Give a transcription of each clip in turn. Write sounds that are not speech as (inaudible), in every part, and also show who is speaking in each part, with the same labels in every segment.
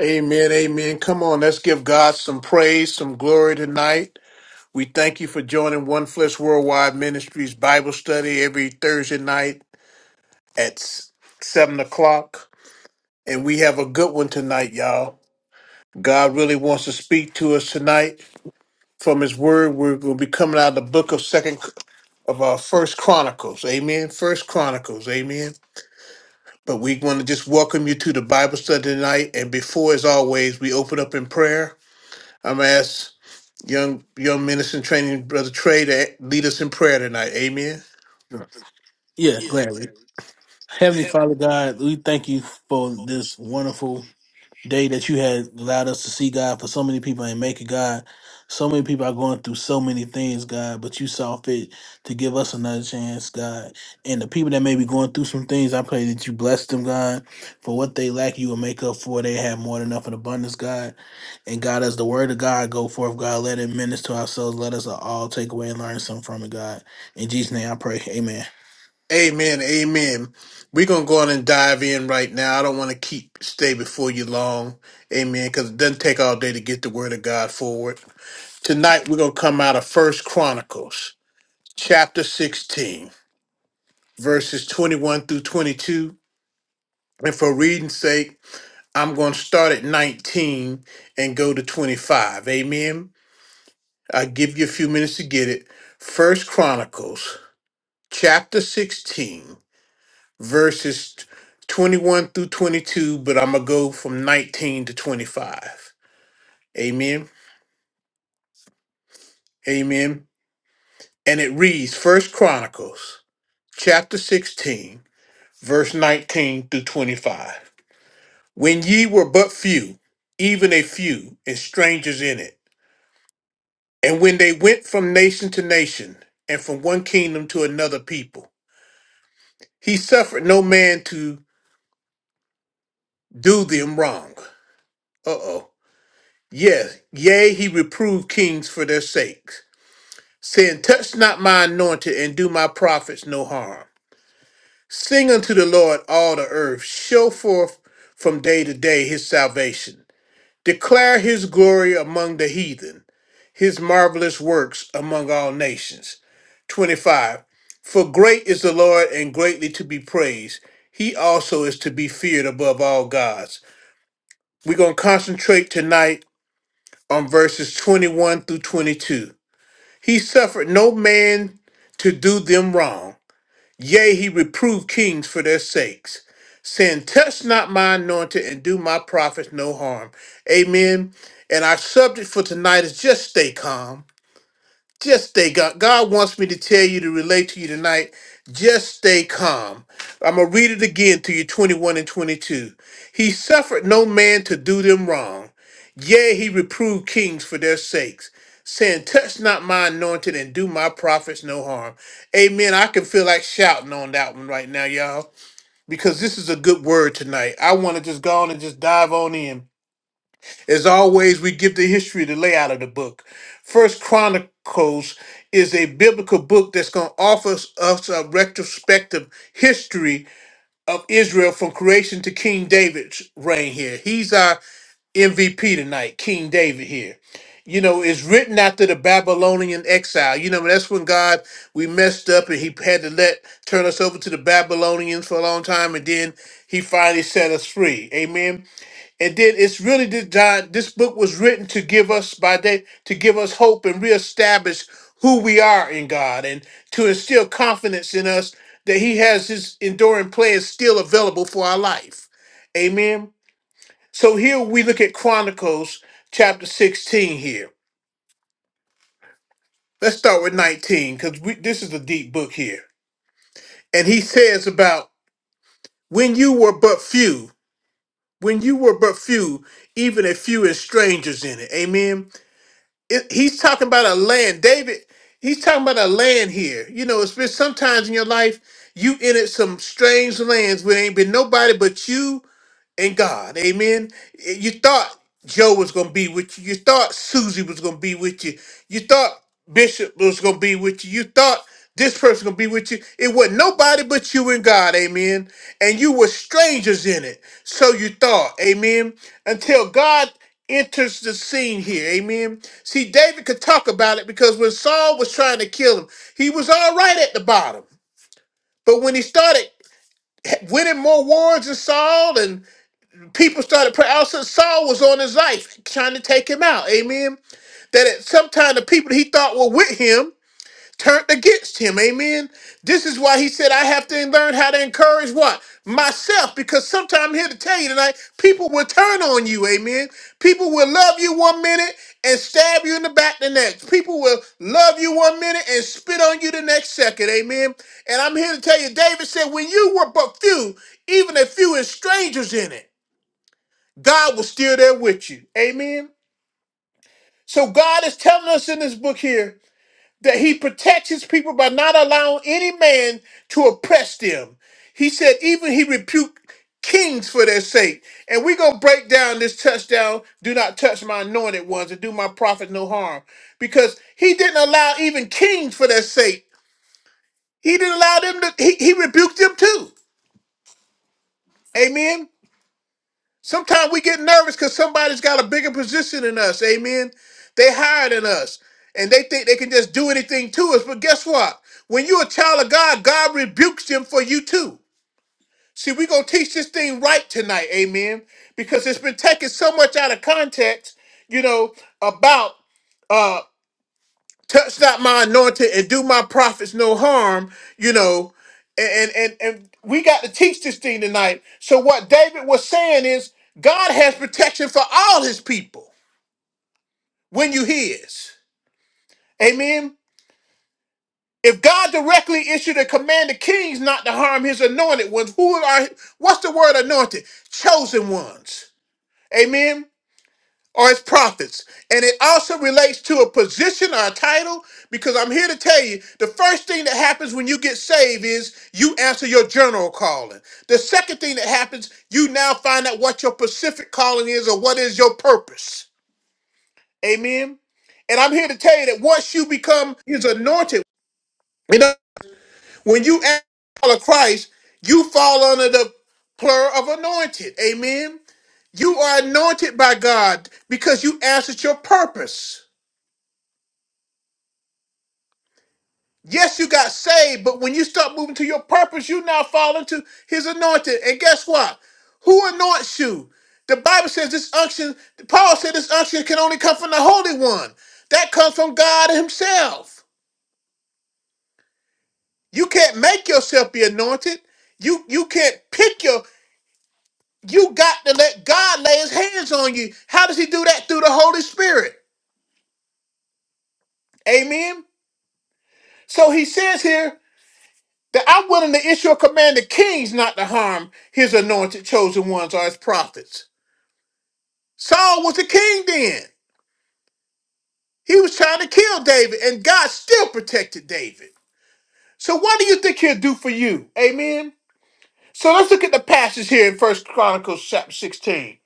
Speaker 1: Amen, amen. Come on, let's give God some praise, some glory tonight. We thank you for joining One Flesh Worldwide Ministries Bible study every Thursday night at s- 7 o'clock. And we have a good one tonight, y'all. God really wants to speak to us tonight from his word. We're going to be coming out of the book of second of our first chronicles. Amen. First chronicles. Amen. But we want to just welcome you to the Bible study tonight. And before, as always, we open up in prayer. I'm asked. Young young minister in training, brother Trey, to lead us in prayer tonight. Amen.
Speaker 2: Sure. Yeah, gladly. Heavenly Father God, we thank you for this wonderful day that you had allowed us to see, God, for so many people ain't make Maker, God. So many people are going through so many things, God, but you saw fit to give us another chance, God. And the people that may be going through some things, I pray that you bless them, God. For what they lack, you will make up for. They have more than enough in abundance, God. And God, as the word of God go forth, God, let it minister to ourselves. Let us all take away and learn something from it, God. In Jesus' name I pray. Amen.
Speaker 1: Amen. Amen. We're gonna go on and dive in right now. I don't want to keep stay before you long. Amen. Because it doesn't take all day to get the word of God forward. Tonight we're gonna come out of First Chronicles chapter 16, verses 21 through 22. And for reading's sake, I'm gonna start at 19 and go to 25. Amen. I give you a few minutes to get it. First Chronicles chapter 16, verses 21 through 22, but I'm going to go from 19 to 25. Amen. Amen. And it reads First Chronicles, chapter 16, verse 19 through 25. When ye were but few, even a few, and strangers in it, and when they went from nation to nation, and from one kingdom to another people, he suffered no man to do them wrong. Uh oh. Yes, yea, he reproved kings for their sakes, saying, Touch not my anointed, and do my prophets no harm. Sing unto the Lord all the earth, show forth from day to day his salvation. Declare his glory among the heathen, his marvelous works among all nations. 25. For great is the Lord and greatly to be praised. He also is to be feared above all gods. We're going to concentrate tonight on verses 21 through 22. He suffered no man to do them wrong. Yea, he reproved kings for their sakes, saying, Touch not my anointed and do my prophets no harm. Amen. And our subject for tonight is just stay calm just stay God. God wants me to tell you to relate to you tonight. Just stay calm. I'm gonna read it again to you 21 and 22. He suffered no man to do them wrong. Yea, he reproved kings for their sakes, saying, Touch not my anointed and do my prophets no harm. Amen. I can feel like shouting on that one right now, y'all, because this is a good word tonight. I want to just go on and just dive on in as always, we give the history, the layout of the book. First Chronicles is a biblical book that's going to offer us us a retrospective history of Israel from creation to King David's reign here. He's our MVP tonight, King David here. You know, it's written after the Babylonian exile. You know, that's when God, we messed up and he had to let, turn us over to the Babylonians for a long time and then he finally set us free. Amen. And then it's really this John, this book was written to give us by day to give us hope and reestablish who we are in God and to instill confidence in us that He has His enduring plan still available for our life. Amen. So here we look at Chronicles chapter 16 here. Let's start with 19, because this is a deep book here. And he says about when you were but few, when you were but few, even a few as strangers in it. Amen it, he's talking about a land david he's talking about a land here you know it's been sometimes in your life you entered some strange lands where ain't been nobody but you and God. Amen. You thought Joe was going to be with you. You thought Susie was going to be with you. You thought Bishop was going to be with you. You thought this person going to be with you. It was not nobody but you and God. Amen. And you were strangers in it. So you thought. Amen. Until God enters the scene here. Amen. See, David could talk about it because when Saul was trying to kill him, he was all right at the bottom. But when he started winning more wars than Saul and people started praying. Also, Saul was on his life, trying to take him out. Amen. That at some time the people he thought were with him turned against him. Amen. This is why he said, I have to learn how to encourage what? Myself, because sometimes I'm here to tell you tonight, people will turn on you. Amen. People will love you one minute and stab you in the back the next. People will love you one minute and spit on you the next second. Amen. And I'm here to tell you, David said, when you were but few, even a few is strangers in it. God was still there with you. Amen. So God is telling us in this book here that he protects his people by not allowing any man to oppress them. He said even he rebuked kings for their sake. And we're going to break down this touchdown, do not touch my anointed ones and do my prophet no harm. Because he didn't allow even kings for their sake. He didn't allow them to, he, he rebuked them too. Amen. Sometimes we get nervous because somebody's got a bigger position than us. Amen. They higher than us, and they think they can just do anything to us. But guess what? When you're a child of God, God rebukes them for you too. See, we're gonna teach this thing right tonight, amen. Because it's been taken so much out of context, you know, about uh touch not my anointed and do my prophets no harm you know and and and we got to teach this thing tonight so what david was saying is god has protection for all his people when you his amen if god directly issued a command to kings not to harm his anointed ones who are what's the word anointed chosen ones amen or as prophets. And it also relates to a position or a title because I'm here to tell you the first thing that happens when you get saved is you answer your general calling. The second thing that happens, you now find out what your specific calling is or what is your purpose. Amen. And I'm here to tell you that once you become his anointed, you know, when you ask follow Christ, you fall under the plural of anointed. Amen. You are anointed by God because you answered your purpose. Yes, you got saved, but when you start moving to your purpose, you now fall into his anointing. And guess what? Who anoints you? The Bible says this unction, Paul said this unction can only come from the Holy One. That comes from God Himself. You can't make yourself be anointed. You you can't pick your you got to let God lay his hands on you. How does he do that? Through the Holy Spirit. Amen. So he says here. That I'm willing to issue a command to kings not to harm his anointed chosen ones or his prophets. Saul was a king then. He was trying to kill David, and God still protected David. So what do you think he'll do for you? Amen. So let's look at the passage here in First Chronicles chapter 16.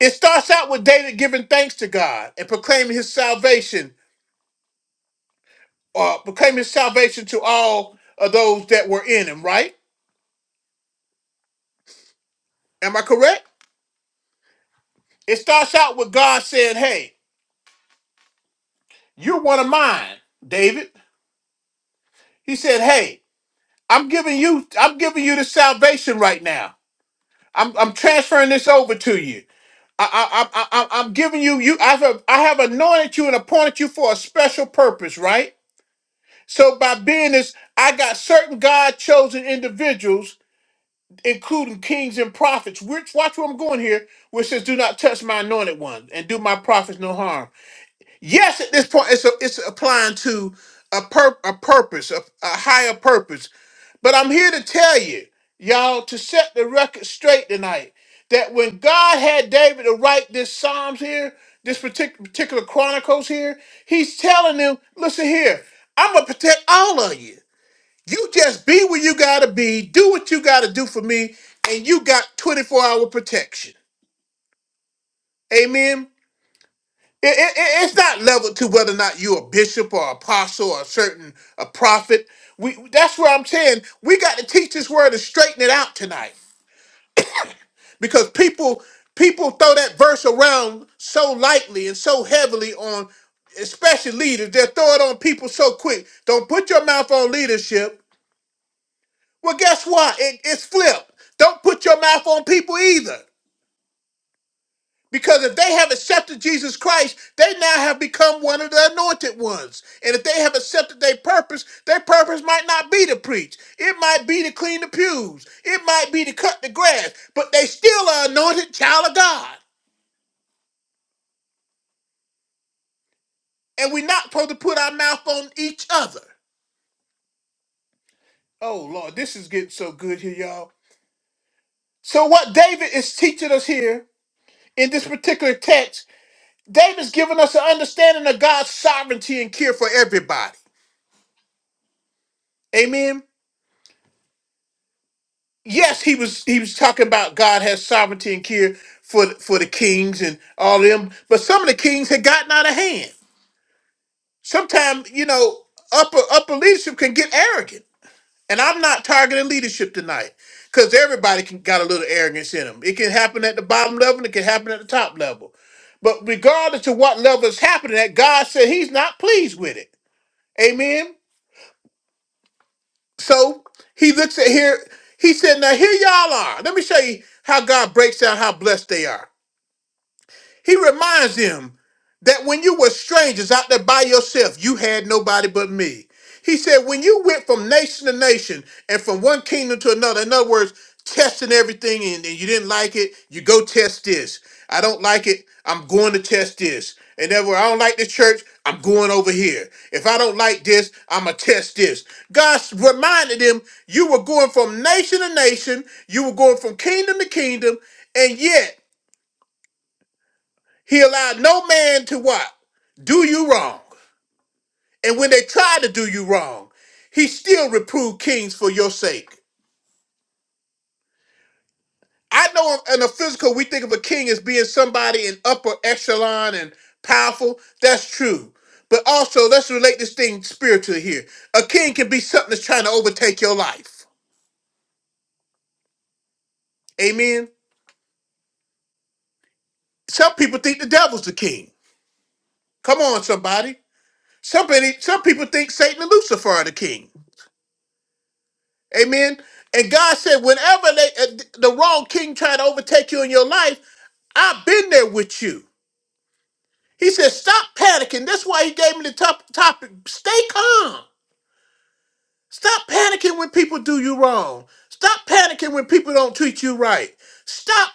Speaker 1: It starts out with David giving thanks to God and proclaiming his salvation, or proclaiming his salvation to all of those that were in him, right? Am I correct? It starts out with God saying, Hey, You're one of mine, David. He said, Hey, I'm giving you, I'm giving you the salvation right now. I'm, I'm transferring this over to you. I, I, I, I- I'm giving you, you, I have, I have anointed you and appointed you for a special purpose, right? So by being this, I got certain God chosen individuals, including kings and prophets. Which, watch where I'm going here, which says, Do not touch my anointed one and do my prophets no harm. Yes, at this point, it's a, it's applying to a pur- a purpose, a, a higher purpose. But I'm here to tell you, y'all, to set the record straight tonight, that when God had David to write this Psalms here, this partic particular Chronicles here, He's telling them, listen here, I'm gonna protect all of you. You just be where you gotta be, do what you gotta do for me, and you got 24 hour protection. Amen. It, it, it- it's not leveled to whether or not you're a bishop or apostle or a certain a prophet. We that's where I'm saying we got to teach this word and straighten it out tonight because people people throw that verse around so lightly and so heavily on, especially leaders. They throw it on people so quick. Don't put your mouth on leadership. Well, guess what? It, it's flipped. Don't put your mouth on people either. Because if they have accepted Jesus Christ, they now have become one of the anointed ones. And if they have accepted their purpose, their purpose might not be to preach. It might be to clean the pews. It might be to cut the grass. But they still are anointed child of God. And we're not supposed to put our mouth on each other. Oh, Lord, this is getting so good here, y'all. So, what David is teaching us here in this particular text, David's giving us an understanding of God's sovereignty and care for everybody. Amen. yes, he was he was talking about God has sovereignty and care for the- for the kings and all them, but some of the kings had gotten out of hand. Sometimes you know upper upper leadership can get arrogant, and I'm not targeting leadership tonight because everybody can got a little arrogance in them. It can happen at the bottom level, and it can happen at the top level. But regardless of what level is happening at, God said He's not pleased with it. Amen. So he looks at here. He said, "Now here y'all are. Let me show you how God breaks down how blessed they are." He reminds them that when you were strangers out there by yourself, you had nobody but me. He said, when you went from nation to nation and from one kingdom to another, in other words, testing everything and, and you didn't like it, you go test this. I don't like it, I'm going to test this. And then when I don't like the church, I'm going over here. If I don't like this, I'm going to test this. God reminded them you were going from nation to nation, you were going from kingdom to kingdom, and yet he allowed no man to what? Do you wrong. And when they tried to do you wrong, he still reproved kings for your sake. I know in a physical, we think of a king as being somebody in upper echelon and powerful. That's true. But also, let's relate this thing spiritually here. A king can be something that's trying to overtake your life. Amen. Some people think the devil's the king. Come on, somebody. Somebody, some people think Satan and Lucifer are the king. Amen. And God said, whenever they, uh, the wrong king tried to overtake you in your life, I've been there with you. He said, stop panicking. That's why he gave me the top topic. Stay calm. Stop panicking when people do you wrong. Stop panicking when people don't treat you right. Stop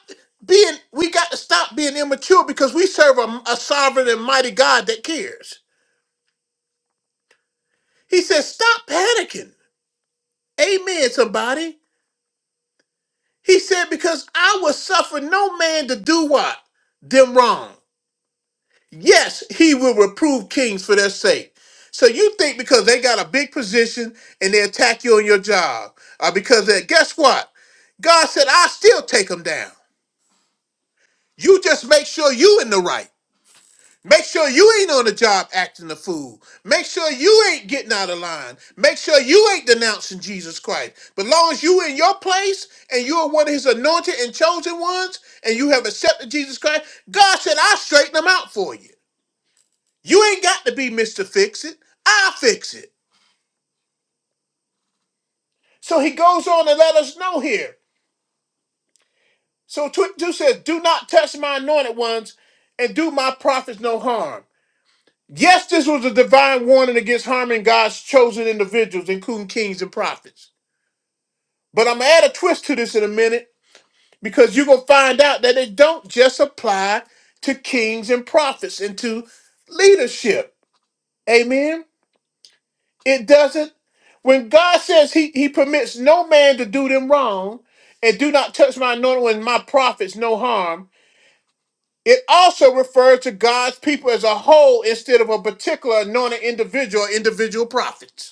Speaker 1: being, we got to stop being immature because we serve a, a sovereign and mighty God that cares. He says, stop panicking. Amen, somebody. He said, Because I will suffer no man to do what? Them wrong. Yes, he will reprove kings for their sake. So you think because they got a big position and they attack you on your job, or because they, guess what? God said, I'll still take them down. You just make sure you in the right. Make sure you ain't on the job acting a fool. Make sure you ain't getting out of line. Make sure you ain't denouncing Jesus Christ. But long as you in your place and you are one of his anointed and chosen ones and you have accepted Jesus Christ, God said, I'll straighten them out for you. You ain't got to be Mr. Fix It. I'll fix it. So he goes on to let us know here. So 22 says, Do not touch my anointed ones and do my prophets no harm. Yes, this was a divine warning against harming God's chosen individuals, including kings and prophets. But I'm gonna add a twist to this in a minute because you're gonna find out that it don't just apply to kings and prophets and to leadership. Amen. It doesn't. When God says He He permits no man to do them wrong, and do not touch my anointing and my prophets no harm. It also refers to God's people as a whole instead of a particular anointed individual or individual prophets.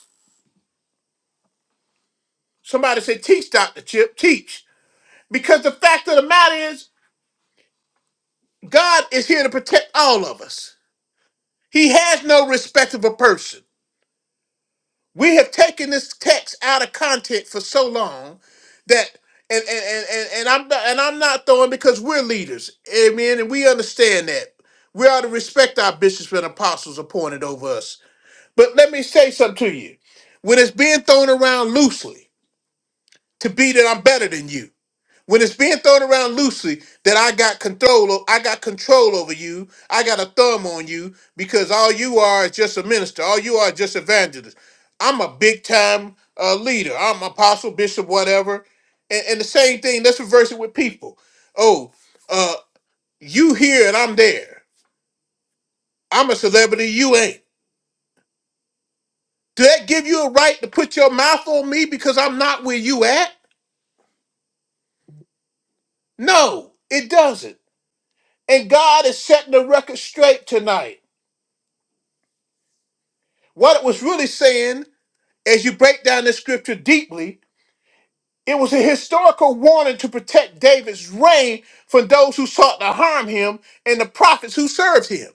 Speaker 1: Somebody said, teach, Dr. Chip, teach. Because the fact of the matter is, God is here to protect all of us. He has no respect of a person. We have taken this text out of content for so long that and and, and, and, and I'm not- and I'm not throwing because we're leaders. Amen. And we understand that. We ought to respect our bishops and apostles appointed over us. But let me say something to you. When it's being thrown around loosely to be that I'm better than you, when it's being thrown around loosely that I got control o- I got control over you. I got a thumb on you because all you are is just a minister. All you are is just evangelist. I'm a big time uh, leader. I'm apostle, bishop, whatever. And, and the same thing, let's reverse it with people. Oh, uh, you here and I'm there. I'm a celebrity, you ain't. Do that give you a right to put your mouth on me because I'm not where you at? No, it doesn't. And God is setting the record straight tonight. What it was really saying, as you break down the scripture deeply, it was a historical warning to protect David's reign from those who sought to harm him and the prophets who served him.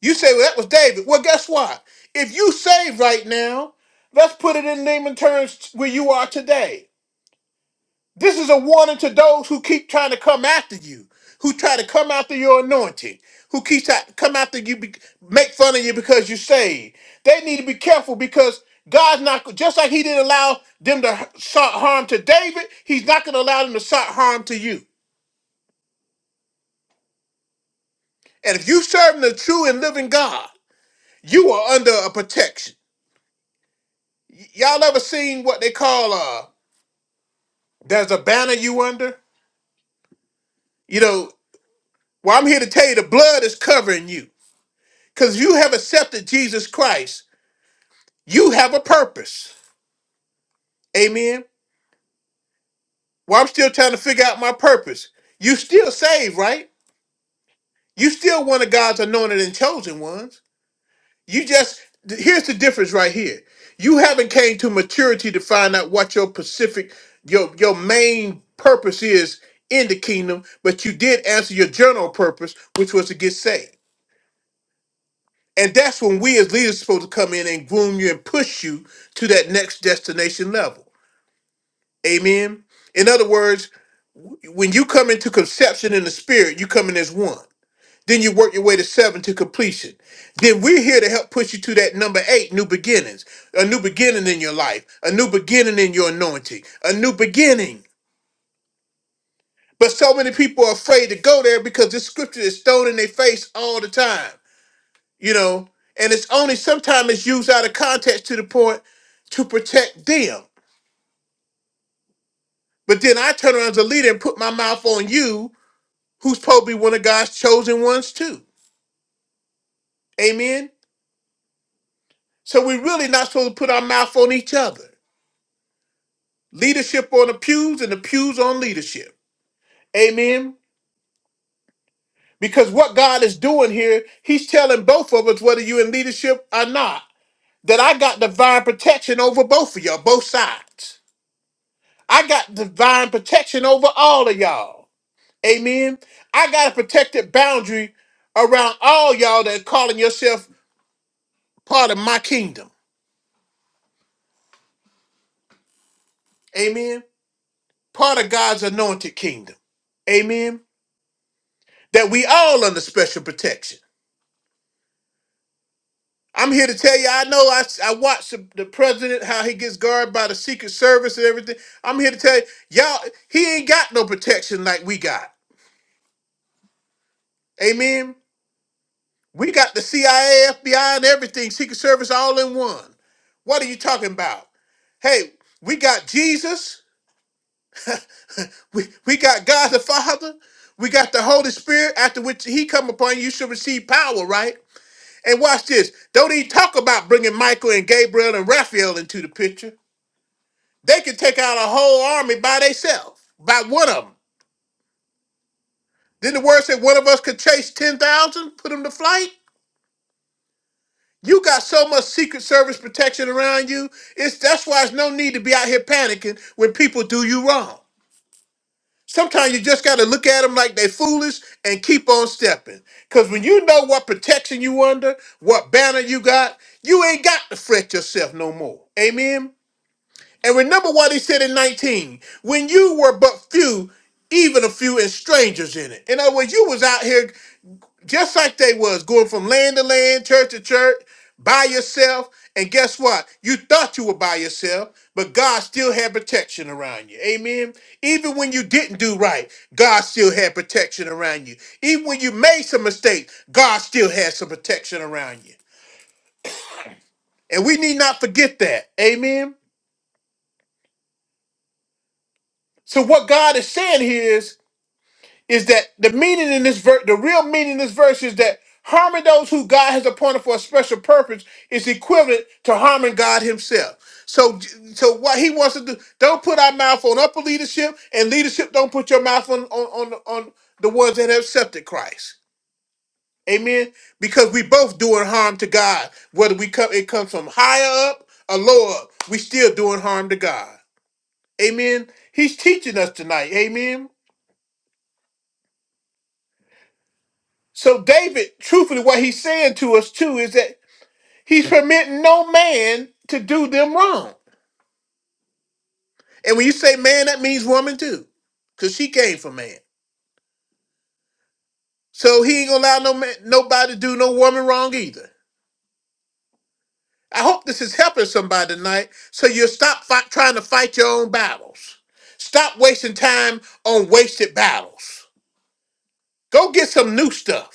Speaker 1: You say, well, that was David. Well, guess what? If you saved right now, let's put it in layman terms where you are today. This is a warning to those who keep trying to come after you, who try to come after your anointing, who keep trying to come after you, be, make fun of you because you're saved. They need to be careful because God's not just like He didn't allow them to sought harm to David. He's not going to allow them to sought harm to you. And if you serving the true and living God, you are under a protection. Y- y'all ever seen what they call uh? There's a banner you under. You know. Well, I'm here to tell you the blood is covering you. Because you have accepted Jesus Christ, you have a purpose. Amen. Well, I'm still trying to figure out my purpose. You still saved, right? You still one of God's anointed and chosen ones. You just th- here's the difference right here. You haven't came to maturity to find out what your Pacific, your your main purpose is in the kingdom, but you did answer your general purpose, which was to get saved. And that's when we as leaders are supposed to come in and groom you and push you to that next destination level. Amen. In other words, when you come into conception in the spirit, you come in as one. Then you work your way to seven to completion. Then we're here to help push you to that number eight, new beginnings, a new beginning in your life, a new beginning in your anointing, a new beginning. But so many people are afraid to go there because this scripture is thrown in their face all the time, you know, and it's only sometimes it's used out of context to the point to protect them. But then I turn around as a leader and put my mouth on you who's probably one of God's chosen ones too. Amen. So we're really not supposed to put our mouth on each other. Leadership on the pews and the pews on leadership. Amen. Because what God is doing here, He's telling both of us, whether you're in leadership or not, that I got divine protection over both of y'all, both sides. I got divine protection over all of y'all. Amen. I got a protected boundary around all y'all that are calling yourself part of my kingdom. Amen. part of God's anointed kingdom. Amen. That we all under special protection. I'm here to tell you, I know I, I watch the, the president, how he gets guarded by the Secret Service and everything. I'm here to tell you, y'all, he ain't got no protection like we got. Amen. We got the CIA, FBI, and everything, Secret Service all in one. What are you talking about? Hey, we got Jesus. We, we got God the Father. We got the Holy Spirit, after which he come upon you, you shall receive power, right? And watch this. Don't even talk about bringing Michael and Gabriel and Raphael into the picture. They could take out a whole army by themselves, by one of them. Then the word said one of us could chase 10,000, put them to flight. You got so much Secret Service protection around you. It's That's why it's no need to be out here panicking when people do you wrong. Sometimes you just got to look at them like they foolish and keep on stepping. Because when you know what protection you under, what banner you got, you ain't got to fret yourself no more. Amen? And remember what he said in 19, when you were but few, even a few and strangers in it. In other words, you was out here just like they was, going from land to land, church to church, by yourself. And guess what? You thought you were by yourself, but God still had protection around you. Amen. Even when you didn't do right, God still had protection around you. Even when you made some mistakes, God still had some protection around you. And we need not forget that. Amen. So what God is saying here is is that the meaning in this verse, the real meaning in this verse is that harming those who God has appointed for a special purpose is equivalent to harming God himself. So, so what he wants to do, don't put our mouth on upper leadership, and leadership don't put your mouth on on on, on the ones that have accepted Christ. Amen. Because we both doing harm to God, whether we come it comes from higher up or lower up, we still doing harm to God. Amen. He's teaching us tonight. Amen. So David, truthfully, what he's saying to us too is that he's permitting no man to do them wrong. And when you say man, that means woman too, because she came from man. So he ain't gonna allow no man, nobody to do no woman wrong either. I hope this is helping somebody tonight. So you'll stop fight, trying to fight your own battles. Stop wasting time on wasted battles. Go get some new stuff.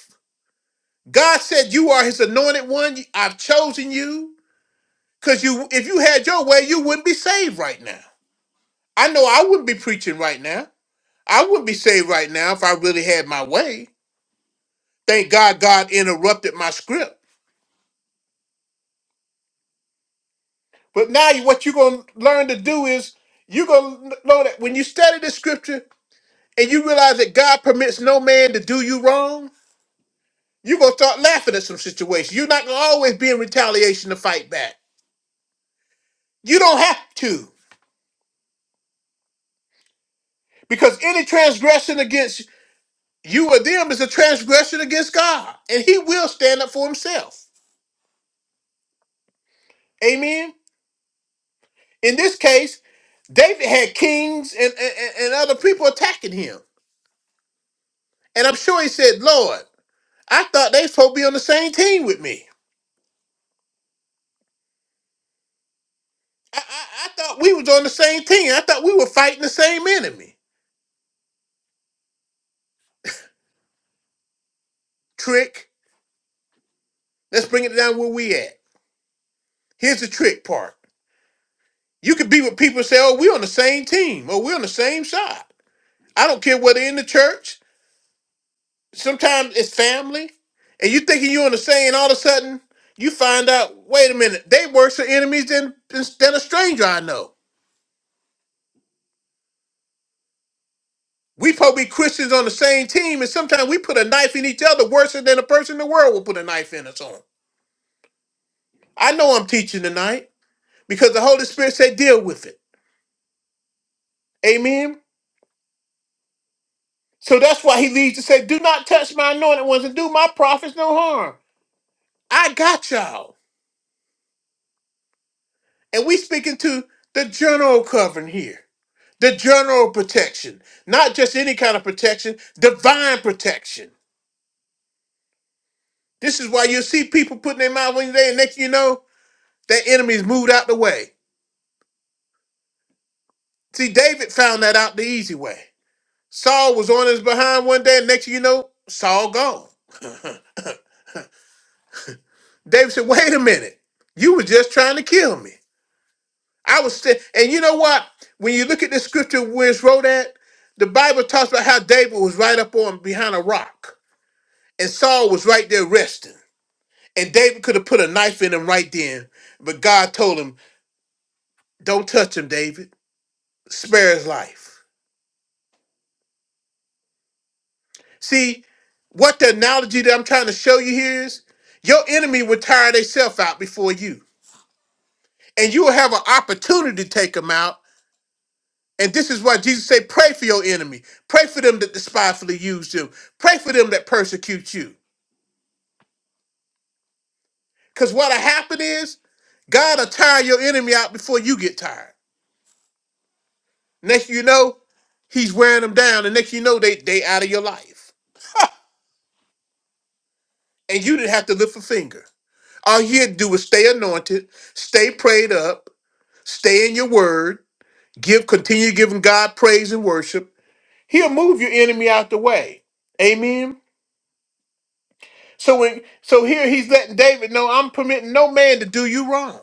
Speaker 1: God said, "You are His anointed one. I've chosen you." Because you, if you had your way, you wouldn't be saved right now. I know I wouldn't be preaching right now. I wouldn't be saved right now if I really had my way. Thank God God interrupted my script. But now you- what you're going to learn to do is you're going to know that when you study the scripture and you realize that God permits no man to do you wrong, you're going to start laughing at some situations. You're not going to always be in retaliation to fight back. You don't have to. Because any transgression against You or them is a transgression against God, and he will stand up for himself. Amen. In this case, David had kings and, and, and other people attacking him. And I'm sure he said, Lord, I thought they supposed to be on the same team with me. I, I, I thought we was on the same team. I thought we were fighting the same enemy. Trick. Let's bring it down where we at. Here's the trick part. You could be with people and say, oh, we're on the same team or we're on the same side. I don't care whether in the church. Sometimes it's family, and you thinking you're on the same. All of a sudden, you find out. Wait a minute, they worse are enemies than than a stranger I know. We probably Christians on the same team, and sometimes we put a knife in each other worse than a person in the world will put a knife in us on. I know I'm teaching tonight because the Holy Spirit said, deal with it. Amen. So that's why he leads to say, do not touch my anointed ones and do my prophets no harm. I got y'all. And we speaking to the general covering here. The general protection, not just any kind of protection, divine protection. This is why you see people putting their mouth on you there, and next thing you know, their enemies moved out the way. See, David found that out the easy way. Saul was on his behind one day, and next thing you know, Saul gone. (laughs) David said, "Wait a minute, you were just trying to kill me. I was, st- and you know what? When you look at the scripture where it's wrote at, the Bible talks about how David was right up on behind a rock, and Saul was right there resting. And David could have put a knife in him right then. But God told him, Don't touch him, David. Spare his life. See, what the analogy that I'm trying to show you here is your enemy will tire themselves out before you. And you will have an opportunity to take them out. And this is why Jesus said, Pray for your enemy. Pray for them that despitefully use you. Pray for them that persecute you. Because what'll happen is God will tire your enemy out before you get tired. Next you know, he's wearing them down, and next you know they they out of your life, and you didn't have to lift a finger. All you had to do was stay anointed, stay prayed up, stay in your word, give continue giving God praise and worship. He'll move your enemy out the way. Amen. So when so here he's letting David know I'm permitting no man to do you wrong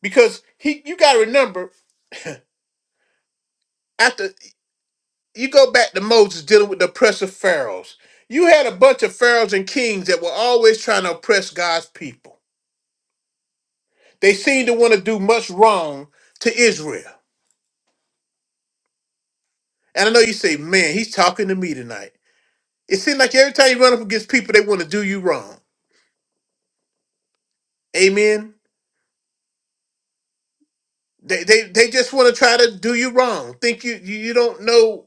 Speaker 1: because he you got to remember you go back to Moses dealing with the oppressive pharaohs. You had a bunch of pharaohs and kings that were always trying to oppress God's people. They seemed to want to do much wrong to Israel. And I know you say, man, he's talking to me tonight. It seems like every time you run up against people, they want to do you wrong. Amen. They they, they just want to try to do you wrong. Think you you you don't know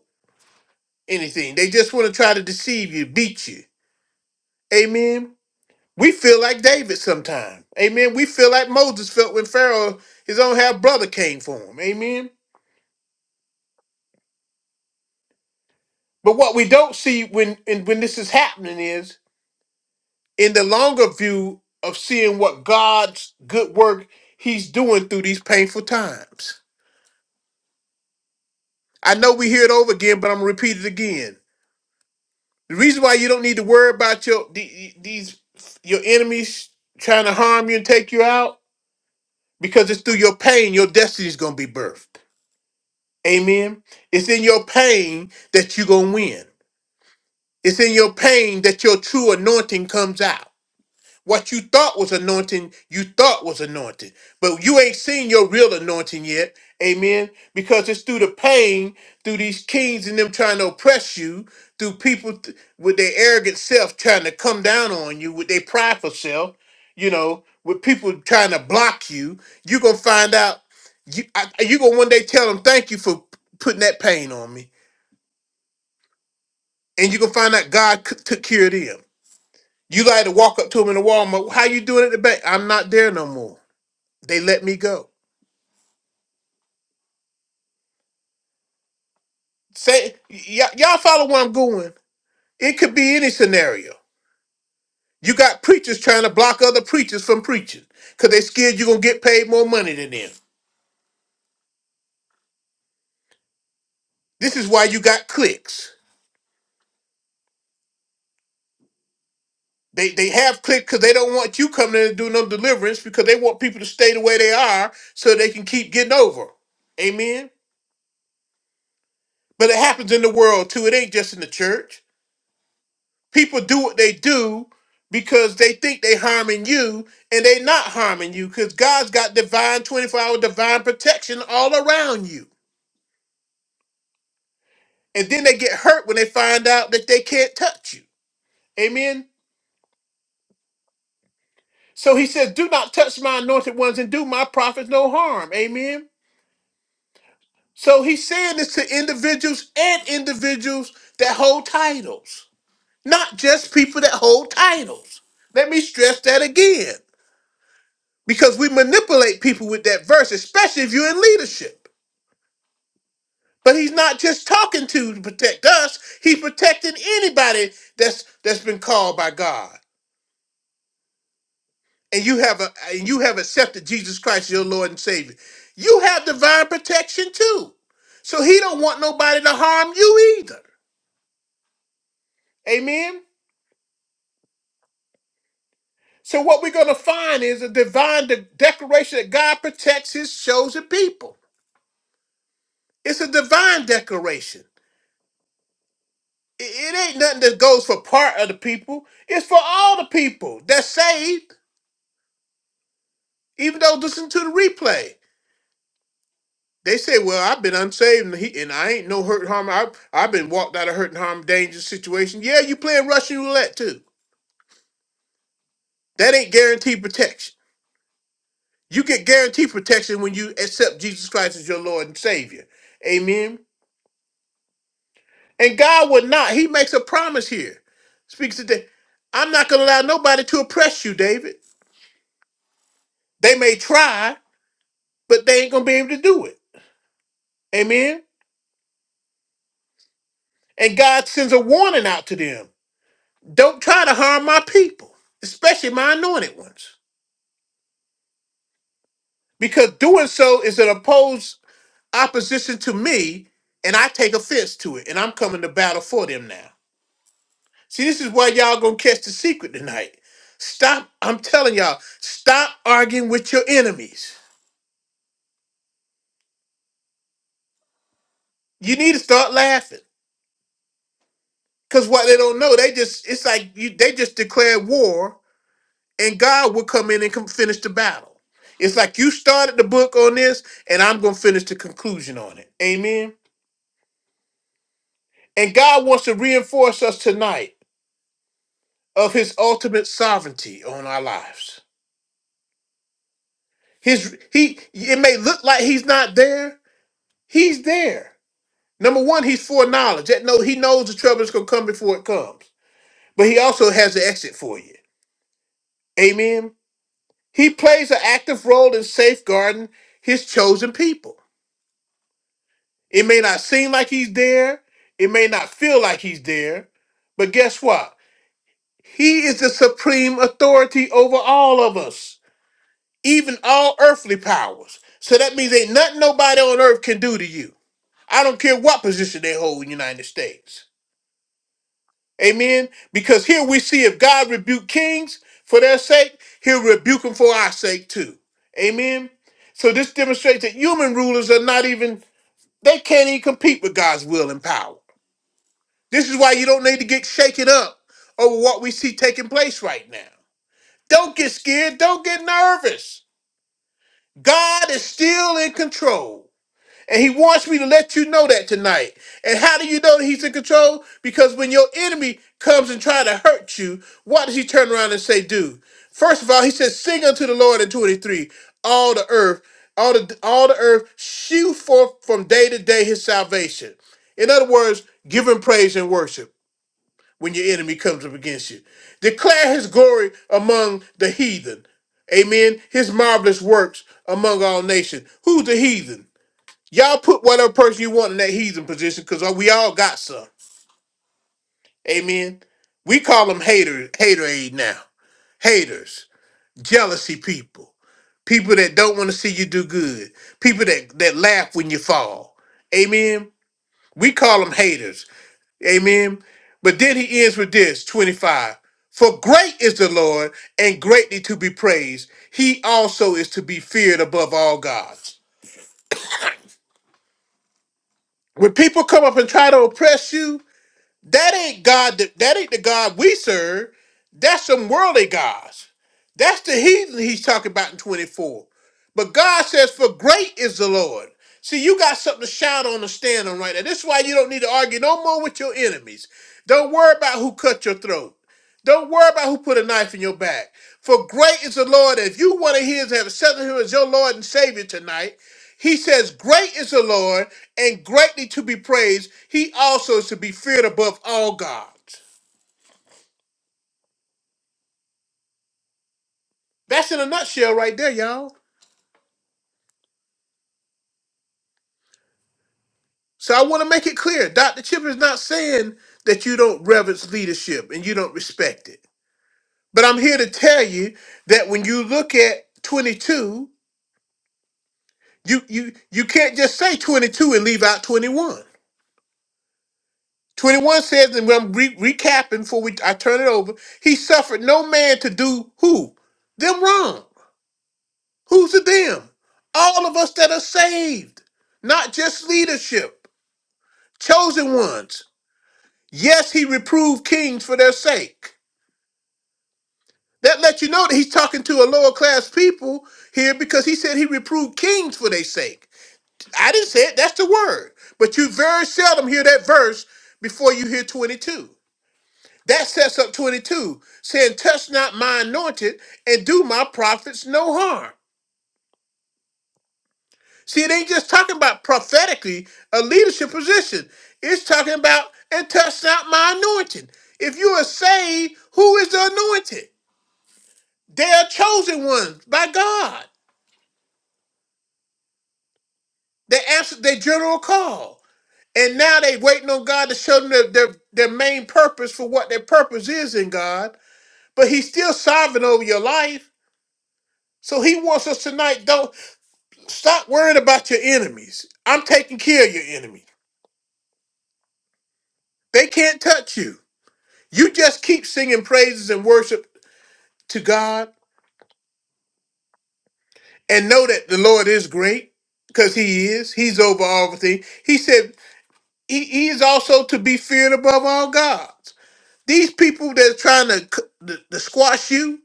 Speaker 1: anything. They just want to try to deceive you, beat you. Amen. We feel like David sometime. Amen. We feel like Moses felt when Pharaoh, his own half brother, came for him. Amen. But what we don't see when and when this is happening is in the longer view of seeing what God's good work He's doing through these painful times. I know we hear it over again, but I'm gonna repeat it again. The reason why you don't need to worry about your the- these your enemies trying to harm you and take you out because it's through your pain your destiny's gonna be birthed. Amen. It's in your pain that you're going to win. It's in your pain that your true anointing comes out. What you thought was anointing, you thought was anointed. But you ain't seen your real anointing yet. Amen. Because it's through the pain, through these kings and them trying to oppress you, through people th- with their arrogant self trying to come down on you, with their prideful self, you know, with people trying to block you, you're going to find out. you I, you going to one day tell them, thank you for putting that pain on me. And you're going to find out God c- took care of them. You like to walk up to them in the Walmart. How you doing at the bank? I'm not there no more. They let me go. Say, y- y'all follow where I'm going. It could be any scenario. You got preachers trying to block other preachers from preaching because they scared you're going to get paid more money than them. This is why you got clicks. They, they have clicks because they don't want you coming in and doing no deliverance because they want people to stay the way they are so they can keep getting over. 'em. Amen. But it happens in the world too. It ain't just in the church. people do what they do because they think they harming you and they not harming you because god's got divine 24 hour divine protection all around you and then they get hurt when they find out that they can't touch you amen so he says do not touch my anointed ones and do my prophets no harm amen so he's saying this to individuals and individuals that hold titles not just people that hold titles let me stress that again because we manipulate people with that verse, especially if you're in leadership. But he's not just talking to to protect us; he's protecting anybody that's that's been called by God, and you have a and you have accepted Jesus Christ your Lord and Savior. You have divine protection too, so he don't want nobody to harm you either. Amen. So what we're gonna find is a divine de- declaration that God protects His chosen people. It's a divine declaration. It it ain't nothing that goes for part of the people. It's for all the people that's saved, even though listen to the replay. They say, "Well, I've been unsaved, and, he, and I ain't no hurt harm. I, I've been walked out of hurt and harm, dangerous situation." Yeah, you playing Russian roulette too. That ain't guaranteed protection. You get guaranteed protection when you accept Jesus Christ as your Lord and Savior. Amen. And God would not. He makes a promise here. Speaks to David. I'm not going to allow nobody to oppress you, David. They may try. but they ain't gonna be able to do it. Amen. And God sends a warning out to them. Don't try to harm my people, especially my anointed ones. Because doing so is an opposed opposition to me, and I take offense to it, and I'm coming to battle for them now. See, this is why y'all gonna catch the secret tonight. Stop, I'm telling y'all, stop arguing with your enemies. You need to start laughing. Cause what they don't know, they just it's like you they just declared war and God will come in and come finish the battle. It's like you started the book on this, and I'm going to finish the conclusion on it. Amen. And God wants to reinforce us tonight of His ultimate sovereignty on our lives. His He it may look like He's not there. He's there. Number one, He's foreknowledge. That no, He knows the trouble is going to come before it comes. But He also has an exit for you. Amen. He plays an active role in safeguarding His chosen people. It may not seem like he's there. It may not feel like he's there. But guess what? He is the supreme authority over all of us, even all earthly powers. So that means ain't nothing nobody on earth can do to you. I don't care what position they hold in the United States. Amen. Because here we see if God rebuke kings for their sake, he'll rebuke them for our sake too. Amen. So this demonstrates that human rulers are not even, they can't even compete with God's will and power. This is why you don't need to get shaken up over what we see taking place right now. Don't get scared. Don't get nervous. God is still in control. And he wants me to let you know that tonight. And how do you know that he's in control? Because when your enemy comes and try to hurt you, what does he turn around and say, do? First of all, he says, sing unto the Lord in 23, all the earth, all the all the earth, shew forth from day to day his salvation. In other words, give him praise and worship when your enemy comes up against you. Declare his glory among the heathen. Amen. His marvelous works among all nations. Who's the heathen? Y'all put whatever person you want in that heathen position because we all got some. Amen. We call them haters, hater aid now. Haters, jealousy people, people that don't want to see you do good, people that, that laugh when you fall. Amen. We call them haters Amen. But then he ends with this 25. For great is the Lord and greatly to be praised. He also is to be feared above all gods. When people come up and try to oppress you, That ain't God. That, that ain't the God we serve. That's some worldly gods. That's the heathen he's talking about in 24. But God says, "For great is the Lord." See, you got something to shout on and stand on right now. This is why you don't need to argue no more with your enemies. Don't worry about who cut your throat. Don't worry about who put a knife in your back. For great is the Lord. If you want to hear have accepted him as your Lord and Savior tonight, he says, Great is the Lord and greatly to be praised. He also is to be feared above all gods. That's in a nutshell right there, y'all. So I want to make it clear. Dr. Chip is not saying that you don't reverence leadership and you don't respect it. But I'm here to tell you that when you look at 22, you you you can't just say 22 and leave out 21. 21 says, and I'm re- recapping before we I turn it over. He suffered no man to do who them wrong. Who's the them? All of us that are saved, not just leadership, chosen ones. Yes, he reproved kings for their sake. That lets you know that he's talking to a lower class people here because he said he reproved kings for their sake. I didn't say it, that's the word. But you very seldom hear that verse before you hear 22. That sets up 22, saying, Touch not my anointed and do my prophets no harm. See, it ain't just talking about prophetically a leadership position. It's talking about and touch not my anointing. If you are saved, who is the anointed? They are chosen ones by God. They answered their general call. And now they waiting on God to show them their, their, their main purpose for what their purpose is in God. But he's still sovereign over your life. So he wants us tonight, don't stop worrying about your enemies. I'm taking care of your enemy. They can't touch you. You just keep singing praises and worship to God and know that the Lord is great because He is. He's over all things. He said he, he is also to be feared above all gods. These people that's trying to, c- to, to squash you,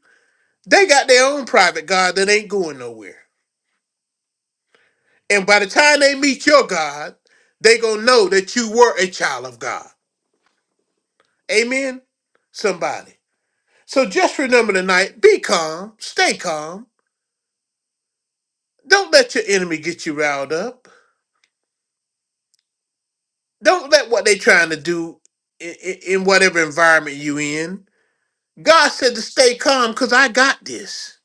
Speaker 1: they got their own private God that ain't going nowhere. And by the time they meet your God, they going to know that you were a child of God. Amen? Somebody. So just remember tonight, be calm, stay calm. Don't let your enemy get you riled up. Don't let what they trying to do in, in whatever environment you in. God said to stay calm because I got this.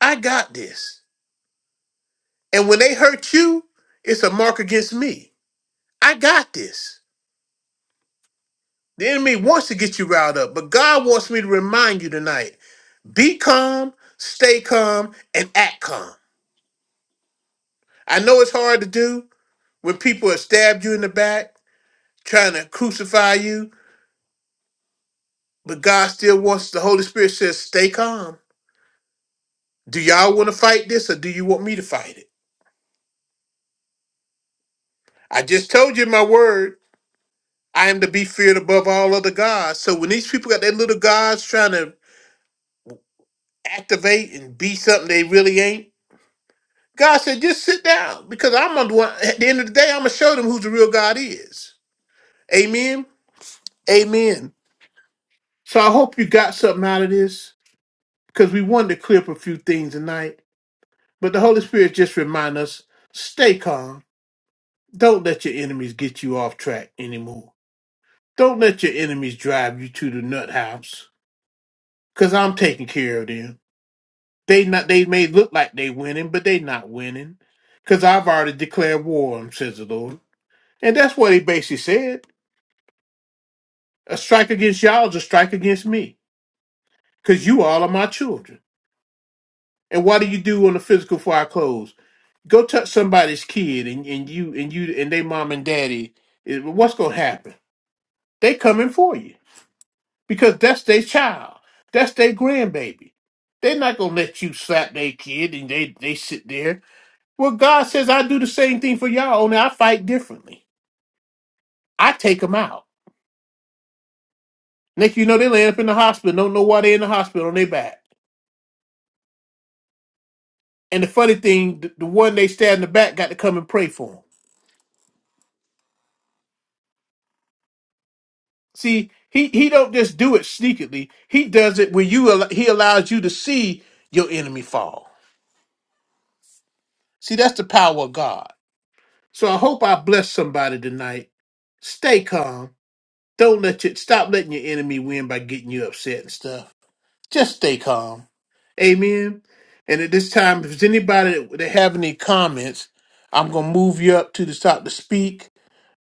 Speaker 1: I got this. And when they hurt you, it's a mark against me. I got this. The enemy wants to get you riled up, but God wants me to remind you tonight be calm, stay calm, and act calm. I know it's hard to do when people have stabbed you in the back, trying to crucify you, but God still wants the Holy Spirit says, stay calm Do y'all want to fight this or do you want me to fight it? I just told you in my word. I am to be feared above all other gods. So when these people got their little gods trying to activate and be something they really ain't, God said, just sit down because I'm on the one. At the end of the day, I'm going to show them who the real God is. Amen. Amen. So I hope you got something out of this because we wanted to clear up a few things tonight. But the Holy Spirit just remind us stay calm. Don't let your enemies get you off track anymore. Don't let your enemies drive you to the nut house, cause I'm taking care of them. They not they may look like they winning, but they not winning, cause I've already declared war on 'em, says the Lord. And that's what he basically said. A strike against y'all is a strike against me, cause you all are my children. And what do you do on the physical for our clothes? Go touch somebody's kid, and, and you and you and they mom and daddy. eh, What's gonna happen? They coming for you. because that's their child. That's their grandbaby. They're not gonna let you slap their kid and they, they sit there. Well, God says I do the same thing for y'all, only I fight differently. I take them out. Next you know they land up in the hospital, don't know why they in the hospital on their back. And the funny thing, the, the one they stab in the back got to come and pray for them. See, he, he don't just do it sneakily. He does it when you al- he allows you to see your enemy fall. See, that's the power of God. So I hope I bless somebody tonight. Stay calm. Don't let you stop letting your enemy win by getting you upset and stuff. Just stay calm. Amen. And at this time, if there's anybody that, that have any comments, I'm gonna move you up to the top to speak.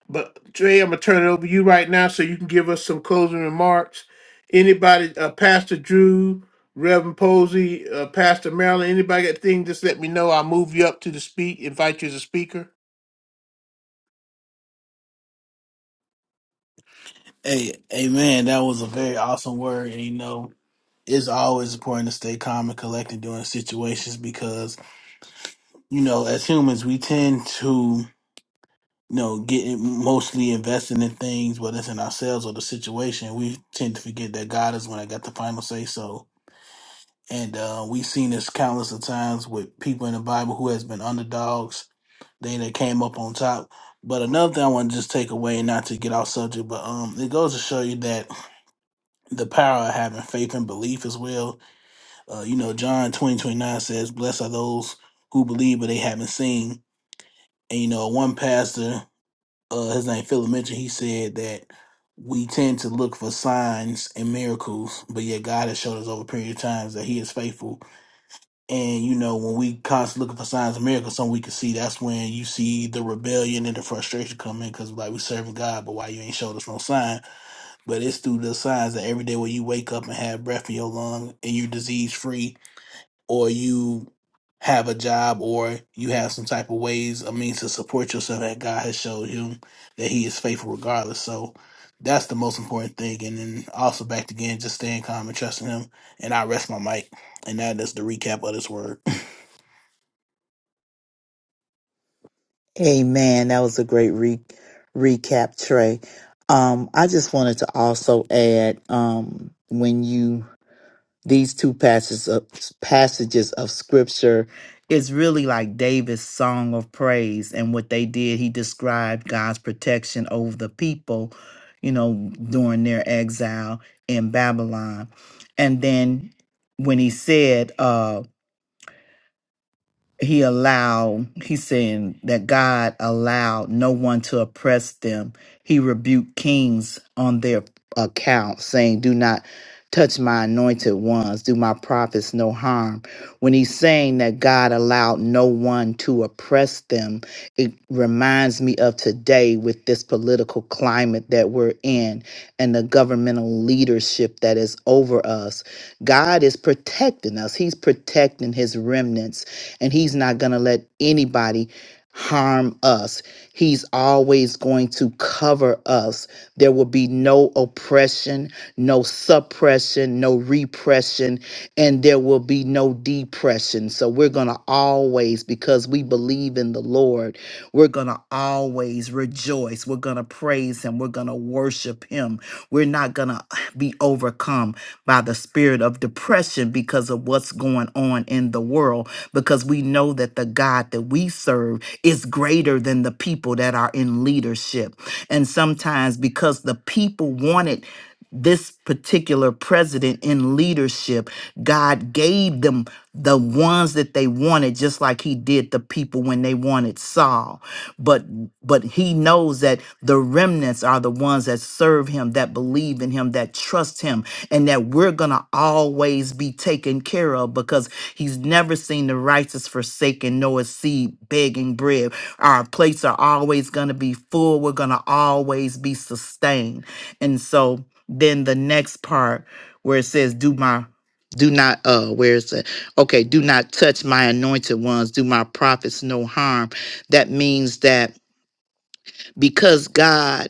Speaker 1: But Dre, I'm gonna turn it over to you right now so you can give us some closing remarks. Anybody, uh, Pastor Drew, Reverend Posey, uh, Pastor Marilyn, anybody got things? Just let me know. I'll move you up to the speak. Invite you as a speaker.
Speaker 2: Hey, hey, man, that was a very awesome word. And, you know, it's always important to stay calm and collected during situations because, you know, as humans, we tend to, you know, get mostly invested in things, whether it's in ourselves or the situation. We tend to forget that God is when I got the final say so. And uh, we've seen this countless of times with people in the Bible who has been underdogs. They that came up on top. But another thing I want to just take away, not to get off subject, but um, it goes to show you that the power of having faith and belief as well. Uh, you know, John 20 29 says, Blessed are those who believe, but they haven't seen. And, you know, one pastor, uh, his name Philip Mitchell, he said that we tend to look for signs and miracles, but yet God has showed us over a period of times that he is faithful. And, you know, when we constantly looking for signs and miracles, something we can see, that's when you see the rebellion and the frustration come in because, like, we serving God, but why you ain't showed us no sign? But it's through the signs that every day when you wake up and have breath in your lung and you're disease free, or you have a job, or you have some type of ways, a means to support yourself that God has showed him that He is faithful regardless. So that's the most important thing. And then also back again, just staying calm and trusting Him. And I rest my mic. And that is the recap of this word.
Speaker 3: Amen. That was a great re- recap, Trey. Um, I just wanted to also add um, when you these two passages of, passages of scripture is really like David's song of praise and what they did. He described God's protection over the people, you know, during their exile in Babylon, and then when he said. uh, he allowed he's saying that god allowed no one to oppress them he rebuked kings on their account saying do not touch my anointed ones do my prophets no harm when he's saying that god allowed no one to oppress them it reminds me of today with this political climate that we're in and the governmental leadership that is over us god is protecting us he's protecting his remnants and he's not going to let anybody harm us. He's always going to cover us. There will be no oppression, no suppression, no repression, and there will be no depression. So we're going to always because we believe in the Lord, we're going to always rejoice. We're going to praise him. We're going to worship him. We're not going to be overcome by the spirit of depression because of what's going on in the world, because we know that the God that we serve is greater than the people that are in leadership. And sometimes because the people wanted this particular president in leadership, God gave them the ones that they wanted, just like he did the people when they wanted Saul. But but he knows that the remnants are the ones that serve him, that believe in him, that trust him, and that we're going to always be taken care of because he's never seen the righteous forsaken nor his seed begging bread. Our plates are always going to be full. We're going to always be sustained. And so then the next part where it says, Do my do not uh where is it okay do not touch my anointed ones do my prophets no harm that means that because God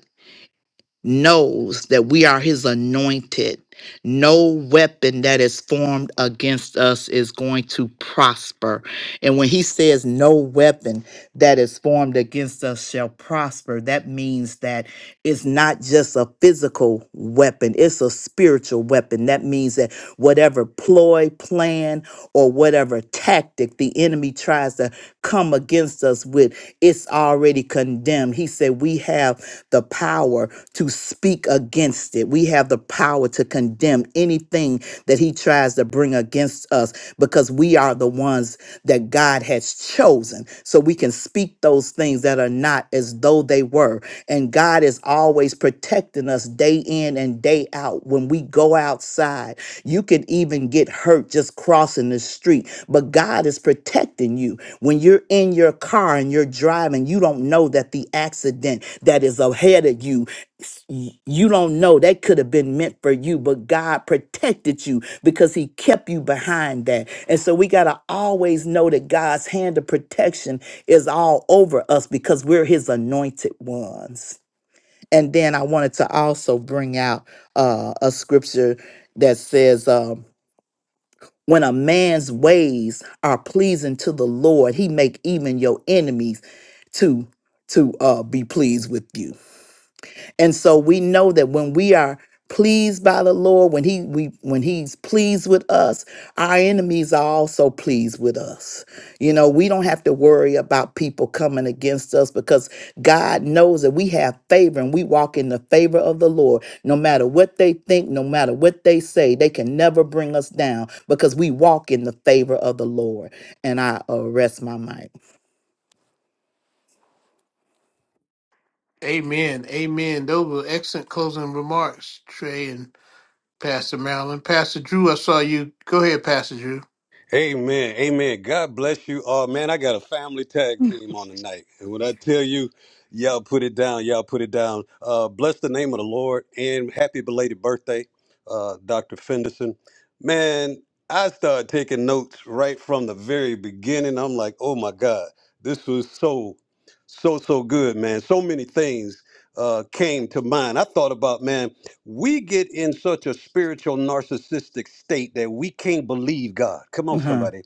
Speaker 3: knows that we are his anointed. No weapon that is formed against us is going to prosper. And when he says no weapon that is formed against us shall prosper, that means that it's not just a physical weapon, it's a spiritual weapon. That means that whatever ploy, plan, or whatever tactic the enemy tries to come against us with, it's already condemned. He said, We have the power to speak against it. We have the power to condemn anything that he tries to bring against us because we are the ones that God has chosen. So we can speak those things that are not as though they were. And God is always protecting us day in and day out when we go outside you could even get hurt just crossing the street, but God is protecting you. When you're in your car and you're driving, you don't know that the accident that is ahead of you s- y- you don't know that could have been meant for you but god protected you because he kept you behind that and so we got to always know that god's hand of protection is all over us because we're his anointed ones and then I wanted to also bring out uh, a scripture that says, um, "When a man's ways are pleasing to the Lord, He make even your enemies to to uh, be pleased with you." And so we know that when we are pleased by the Lord, when he we when he's pleased with us, our enemies are also pleased with us. You know, we don't have to worry about people coming against us because God knows that we have favor and we walk in the favor of the Lord. No matter what they think, no matter what they say, they can never bring us down because we walk in the favor of the Lord. And I arrest my mic.
Speaker 1: Amen. Amen. Those were excellent closing remarks, Trey and Pastor Marilyn. Pastor Drew, I saw you. Go ahead, Pastor Drew.
Speaker 4: Amen. Amen. God bless you all. man, I got a family tag team on tonight. And when I tell you, y'all put it down, y'all put it down. Uh, bless the name of the Lord and happy belated birthday, uh, Dr. Fenderson. Man, I started taking notes right from the very beginning. I'm like, oh my God, this was so, so, so good, man. So many things uh, came to mind. I thought about, man, we get in such a spiritual narcissistic state that we can't believe God. Come on,
Speaker 3: Mhm.
Speaker 4: somebody.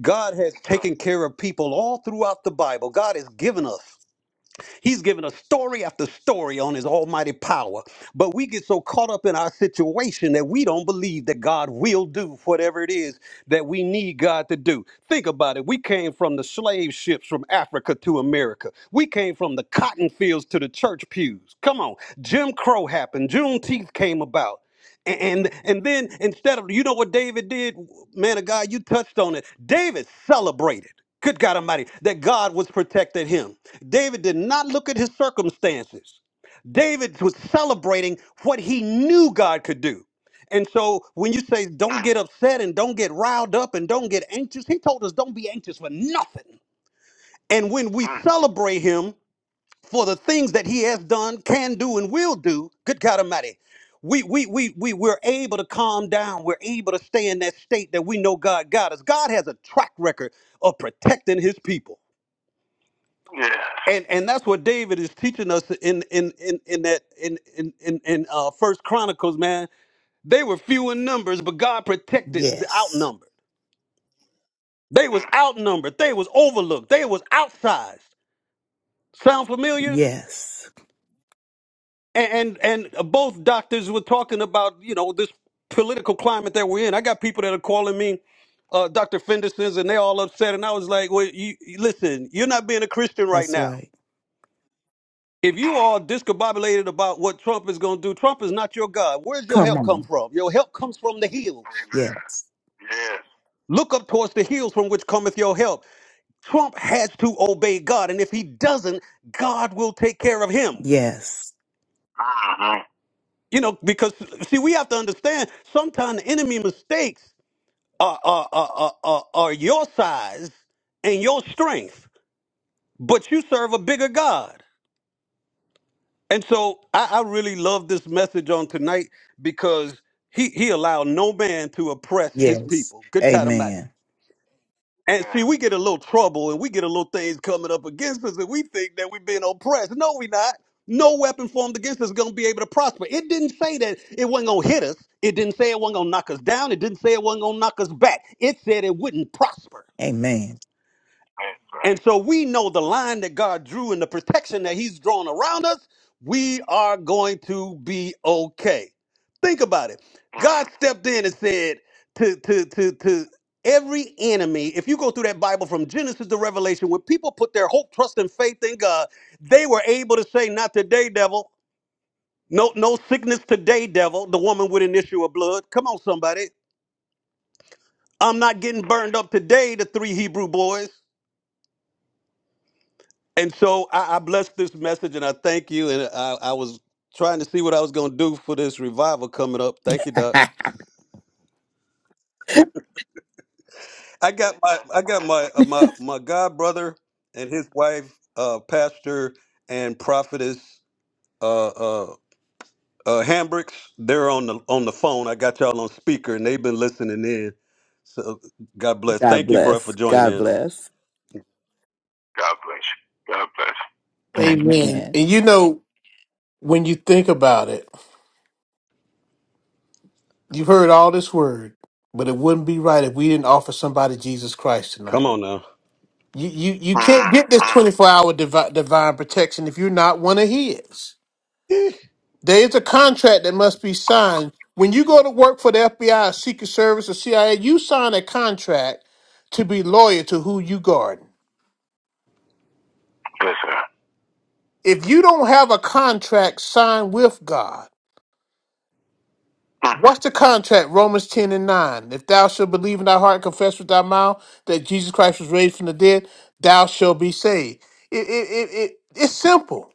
Speaker 4: God has taken care of people all throughout the Bible. God has given us. He's given us story after story on his almighty power. But we get so caught up in our situation that we don't believe that God will do whatever it is that we need God to do. Think about it. We came from the slave ships from Africa to America. We came from the cotton fields to the church pews. Come on. Jim Crow happened. Juneteenth came about. And and then instead of you know what David did, man of God, you touched on it. David celebrated. Good God Almighty, that God was protected him. David did not look at his circumstances. David was celebrating what he knew God could do. And so when you say don't get upset and don't get riled up and don't get anxious, he told us don't be anxious for nothing. And when we celebrate him for the things that he has done, can do, and will do, good God Almighty, we we we we we're able to calm down. We're able to stay in that state that we know God got us. God has a track record of protecting his people. Yeah. and and that's what David is teaching us in in in in that in in in, in uh, First Chronicles, man. They were few in numbers, but God protected the
Speaker 3: Yes.
Speaker 4: outnumbered. They was outnumbered. They was overlooked. They was outsized. Sound familiar?
Speaker 3: Yes.
Speaker 4: And and, and both doctors were talking about you know this political climate that we're in. I got people that are calling me. Uh, Dr. Fenderson's and they all upset, and I was like, "Well, you you- listen, you're not being a Christian right
Speaker 3: That's
Speaker 4: now.
Speaker 3: right.
Speaker 4: If you are discombobulated about what Trump is going to do, Trump is not your God. Where's your
Speaker 3: Come
Speaker 4: help
Speaker 3: on.
Speaker 4: come from? Your help comes from the hills. Amen.
Speaker 3: Yes.
Speaker 4: Yes. Look up towards the hills from which cometh your help. Trump has to obey God, and if he doesn't, God will take care of him.
Speaker 3: Yes.
Speaker 4: Uh-huh. You know, because see, we have to understand sometimes the enemy mistakes are, are, are, are, are are your size and your strength, but you serve a bigger God. And so I, I really love this message on tonight because he, he allowed no man to oppress his
Speaker 3: Yes.
Speaker 4: people. Good God Almighty.
Speaker 3: Amen.
Speaker 4: And see, we get a little trouble and we get a little things coming up against us and we think that we're being oppressed. No, we not. No weapon formed against us is going to be able to prosper. It didn't say that it wasn't going to hit us. It didn't say it wasn't going to knock us down. It didn't say it wasn't going to knock us back. It said it wouldn't prosper.
Speaker 3: Amen.
Speaker 4: And so we know the line that God drew and the protection that He's drawn around us, we are going to be okay. Think about it. God stepped in and said to, to, to, to every enemy, if you go through that Bible from Genesis to Revelation, when people put their hope, trust, and faith in God, they were able to say, Not today, devil. No, no sickness today, devil. The woman with an issue of blood. Come on, somebody. I'm not getting burned up today, the three Hebrew boys. And so I, I bless this message and I thank you. And I, I was trying to see what I was going to do for this revival coming up. Thank you,
Speaker 3: (laughs)
Speaker 4: Doc. I got my I got my uh, my my god brother and his wife, uh, pastor and prophetess uh, uh, uh, Hambricks. They're on the on the phone. I got y'all on speaker and they've been listening in. So God bless.
Speaker 3: God
Speaker 4: Thank you, bro, for
Speaker 3: bless.
Speaker 4: joining
Speaker 3: God
Speaker 4: in.
Speaker 3: bless.
Speaker 4: God bless you. God bless you. Thank
Speaker 1: Amen.
Speaker 3: Amen.
Speaker 1: And you know, when you think about it, you've heard all this word, but it wouldn't be right if we didn't offer somebody Jesus Christ
Speaker 4: you. Come
Speaker 1: tonight.
Speaker 4: on now.
Speaker 1: You you you
Speaker 4: you.
Speaker 1: can't
Speaker 4: Mm,
Speaker 1: get this
Speaker 4: mm.
Speaker 1: 24 hour divi- divine protection if you're not one of his. There is a contract that must be signed. When you go to work for the FBI, Secret Service, or CIA, you sign a contract to be loyal to who you guard.
Speaker 4: Yes, sir.
Speaker 1: If you don't have a contract signed with God,
Speaker 4: Mm.
Speaker 1: what's the contract? Romans 10 and 9. If thou shalt believe in thy heart and confess with thy mouth that Jesus Christ was raised from the dead, thou shalt be saved. It, it, it, it, it's simple.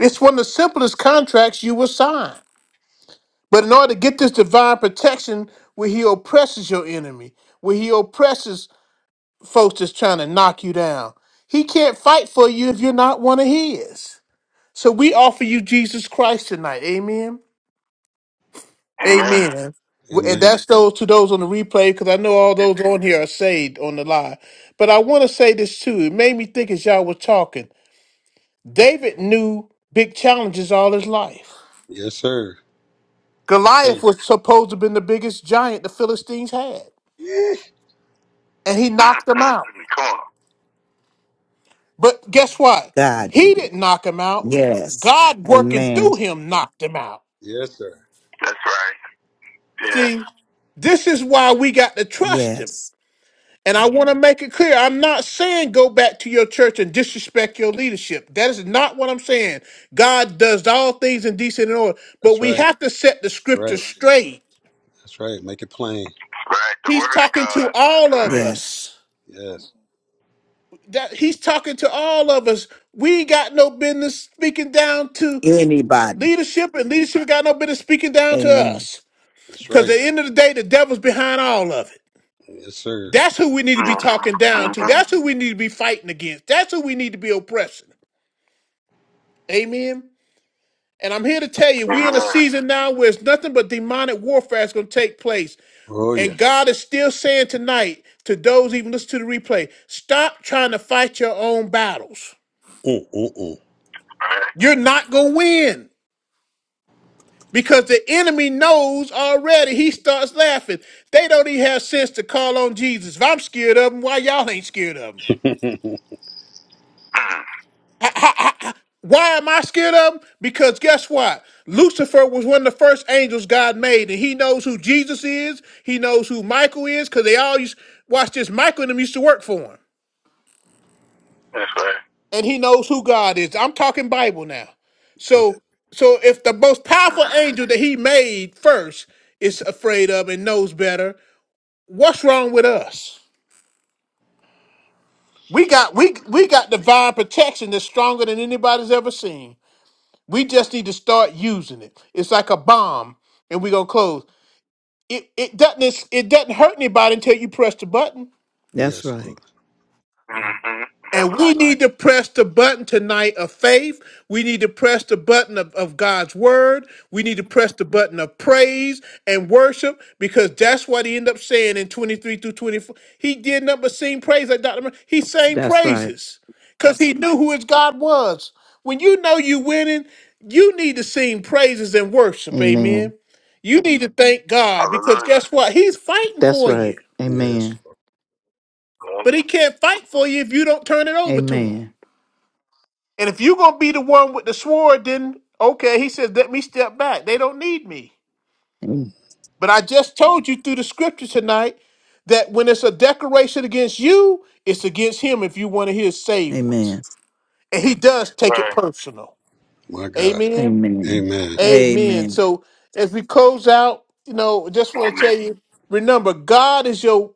Speaker 1: It's one of the simplest contracts you will sign. But in order to get this divine protection, where he oppresses your enemy, where he oppresses folks that's trying to knock you down, he can't fight for you if you're not one of his. So we offer you Jesus Christ tonight. Amen.
Speaker 4: Amen.
Speaker 1: Amen. W- And
Speaker 4: Amen.
Speaker 1: that's those to those on the replay, because I know all those on here are saved on the live. But I want to say this too. It made me think as y'all were talking. David knew big challenges all his life.
Speaker 4: Yes, sir. Yes, sir.
Speaker 1: Goliath was supposed to have been the biggest giant the Philistines had.
Speaker 4: Yeah.
Speaker 1: and he
Speaker 4: Ah,
Speaker 1: knocked him
Speaker 4: ah.
Speaker 1: out.
Speaker 4: In the car.
Speaker 1: But guess what?
Speaker 3: God.
Speaker 1: He didn't knock him out.
Speaker 3: Yes.
Speaker 1: God working
Speaker 3: Amen.
Speaker 1: through him knocked him out.
Speaker 4: Yes, sir. That's right. Yes.
Speaker 1: See, this is why we got to trust him.
Speaker 3: Yes.
Speaker 1: And I want to make it clear I'm not saying go back to your church and disrespect your leadership. That is not what I'm saying. God does all things in decent and order, but
Speaker 4: That's
Speaker 1: we
Speaker 4: right.
Speaker 1: have
Speaker 4: That's
Speaker 1: to set the scripture
Speaker 4: right.
Speaker 1: straight.
Speaker 4: That's right. Make it plain. That's right. The
Speaker 1: He's
Speaker 4: word of
Speaker 1: talking to
Speaker 4: God. That's
Speaker 1: all of
Speaker 4: right.
Speaker 3: Yes.
Speaker 1: us.
Speaker 4: Yes.
Speaker 1: That he's talking to all of us. We ain't got no business speaking down to
Speaker 3: Anybody.
Speaker 1: Leadership and leadership got no business speaking down to
Speaker 3: Amen.
Speaker 1: us.
Speaker 4: That's
Speaker 1: Because
Speaker 4: right.
Speaker 1: at the end of the day, the devil's behind all of it.
Speaker 4: Yes, sir.
Speaker 1: That's who we need to be talking
Speaker 4: Mm-hmm.
Speaker 1: down to.
Speaker 4: Mm-hmm.
Speaker 1: That's who we need to be fighting against. That's who we need to be oppressing. Amen. And I'm here to tell you, we're in a
Speaker 4: Amen.
Speaker 1: season now where it's nothing but demonic warfare is going to take place.
Speaker 4: Oh,
Speaker 1: And
Speaker 4: yes.
Speaker 1: God is still saying tonight to those even listen to the replay, stop trying to fight your own battles.
Speaker 4: Mm-mm-mm. Right.
Speaker 1: You're not going to win. Because the enemy knows already. He starts laughing. They don't even have sense to call on Jesus. If I'm scared of them, why y'all ain't scared of them?
Speaker 4: Mm. Mm.
Speaker 1: Ha- ha- ha- ha. Why am I scared of them? Because guess what? Lucifer was one of the first angels God made, and he knows who Jesus is. He knows who Michael is, because they all used, watch this, Michael and them used to work for him.
Speaker 4: That's right.
Speaker 1: And he knows who God is. I'm talking Bible now.
Speaker 4: Yes.
Speaker 1: So so if the most powerful
Speaker 4: Mm.
Speaker 1: angel that he made first is afraid of and knows better, What's wrong with us? We got we we got divine protection that's stronger than anybody's ever seen. We just need to start using it. It's like a bomb, and we're gonna close. It it doesn't it's- it doesn't hurt anybody until you press the button.
Speaker 3: That's
Speaker 4: Yes, Lord.
Speaker 3: right.
Speaker 4: Mm-hmm. That's
Speaker 1: And
Speaker 4: right.
Speaker 1: we need to press the button tonight of faith. We need to press the button of, of God's word. We need to press the button of praise and worship because that's what he ended up saying in 23 through 24. He did not but sing praise like Dr. Mer- He sang
Speaker 3: That's right.
Speaker 1: praises because he knew who his God was. When you know you winning, you need to sing praises and worship.
Speaker 3: Amen.
Speaker 1: Amen. You need to thank God because
Speaker 4: Hallelujah.
Speaker 1: guess what? He's fighting
Speaker 3: That's
Speaker 1: for
Speaker 3: right.
Speaker 1: you,
Speaker 4: Yes.
Speaker 3: Amen.
Speaker 4: That's
Speaker 1: but he can't fight for you if you don't turn it over to him.
Speaker 3: Amen.
Speaker 1: And if you're gonna be the one with the sword, then okay, he says, let me step back. They don't need me.
Speaker 3: Amen.
Speaker 1: But I just told you through the scripture tonight that when it's a declaration against you, it's against him if you one of his saved ones.
Speaker 3: Amen.
Speaker 1: And he does take it
Speaker 4: Right.
Speaker 1: personal.
Speaker 4: My God.
Speaker 1: Amen.
Speaker 4: Amen.
Speaker 1: Amen.
Speaker 3: Amen.
Speaker 1: So as we close out, you know, just want to
Speaker 4: Amen.
Speaker 1: tell you, remember, God is your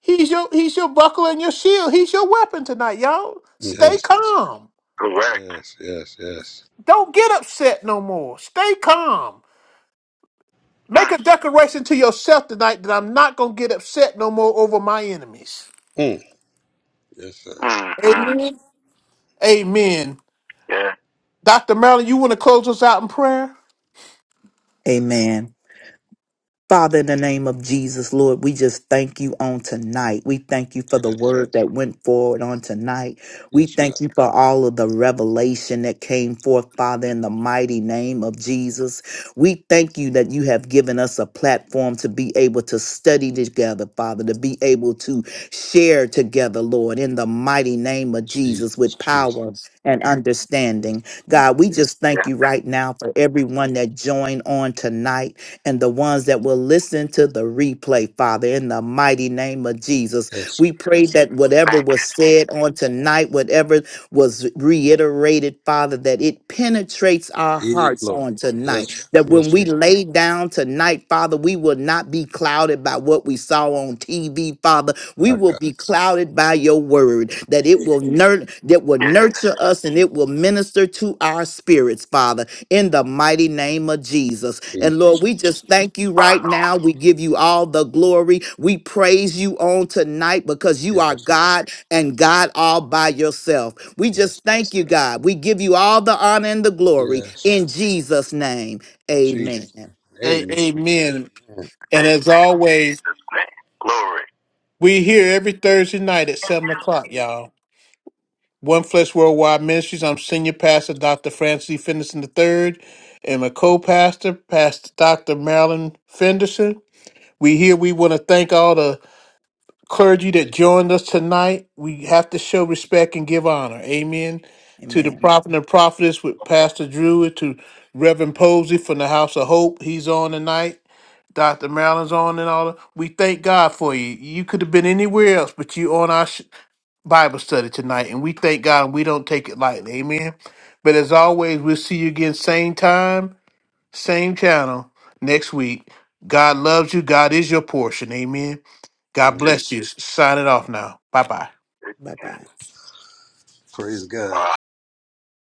Speaker 1: He's your he's your buckler and your shield. He's your weapon tonight, y'all. Stay
Speaker 4: Yes.
Speaker 1: calm.
Speaker 4: Correct. Yes, yes, yes.
Speaker 1: Don't get upset no more. Stay calm. Make a
Speaker 4: Mm,
Speaker 1: declaration to yourself tonight that I'm not going to get upset no more over my enemies.
Speaker 4: Mm. Yes, sir. mm, mm.
Speaker 1: Amen. Amen.
Speaker 4: Yeah.
Speaker 1: Dr. Marilyn, you want to close us out in prayer?
Speaker 3: Amen. Father, in the name of Jesus, Lord, we just thank you on tonight. We thank you for the
Speaker 4: Yes,
Speaker 3: word that went forward on tonight. We
Speaker 4: yes,
Speaker 3: thank
Speaker 4: God.
Speaker 3: you for all of the revelation that came forth, Father, in the mighty name of Jesus. We thank you that you have given us a platform to be able to study together, Father, to be able to share together, Lord, in the mighty name of
Speaker 4: Jesus,
Speaker 3: Jesus with
Speaker 4: Jesus.
Speaker 3: power and
Speaker 4: Yes,
Speaker 3: understanding. God, we just thank
Speaker 4: Yeah.
Speaker 3: you right now for everyone that joined on tonight and the ones that will listen to the replay, Father, in the mighty name of Jesus.
Speaker 4: yes, sir.
Speaker 3: We pray that whatever
Speaker 4: Thank
Speaker 3: was said on tonight, whatever was reiterated, Father, that it penetrates our
Speaker 4: Give you
Speaker 3: hearts
Speaker 4: glory.
Speaker 3: on
Speaker 4: Yes,
Speaker 3: tonight.
Speaker 4: sir.
Speaker 3: That
Speaker 4: Yes,
Speaker 3: when we
Speaker 4: sir.
Speaker 3: lay down tonight, Father, we will not be clouded by what we saw on TV, Father. We
Speaker 4: My
Speaker 3: will
Speaker 4: God.
Speaker 3: be clouded by your word, that it
Speaker 4: you.
Speaker 3: will nurture that will
Speaker 4: Yeah.
Speaker 3: nurture us and it will minister to our spirits, Father in the mighty name of Jesus.
Speaker 4: Jesus.
Speaker 3: And Lord, we just thank you
Speaker 4: Our
Speaker 3: right
Speaker 4: Lord.
Speaker 3: now. We give you all the glory. We praise you on tonight because you are
Speaker 4: Yes, God.
Speaker 3: God and God all by yourself. We
Speaker 4: Yes,
Speaker 3: just
Speaker 4: God.
Speaker 3: thank you, God. We give you all the honor and the glory
Speaker 4: Yes.
Speaker 3: in Jesus' name.
Speaker 4: Jesus.
Speaker 3: Amen.
Speaker 1: A-
Speaker 4: Amen. Amen.
Speaker 1: amen.
Speaker 4: Amen.
Speaker 1: And as always,
Speaker 4: Jesus' name. Glory.
Speaker 1: we here every Thursday night at 7 o'clock, y'all. One Flesh Worldwide Ministries. I'm Senior Pastor Dr. Francis E. Fenderson III and my co-pastor, Pastor Dr. Marilyn Fenderson. We here, we want to thank all the clergy that joined us tonight. We have to show respect and give honor. Amen. To the
Speaker 3: Amen.
Speaker 1: prophet and prophetess with Pastor Drew, to Reverend Posey from the House of Hope. He's on tonight. Dr. Marilyn's on and all. that. We thank God for you. You could have been anywhere else, but you on our sh- Bible study tonight, and we thank God. and We don't take it lightly. Amen. But as always, we'll see you again same time, same channel next week. God loves you. God is your portion. Amen. God
Speaker 4: Amen.
Speaker 1: bless you. Sign it off now. Bye bye.
Speaker 3: Bye bye.
Speaker 4: Praise God.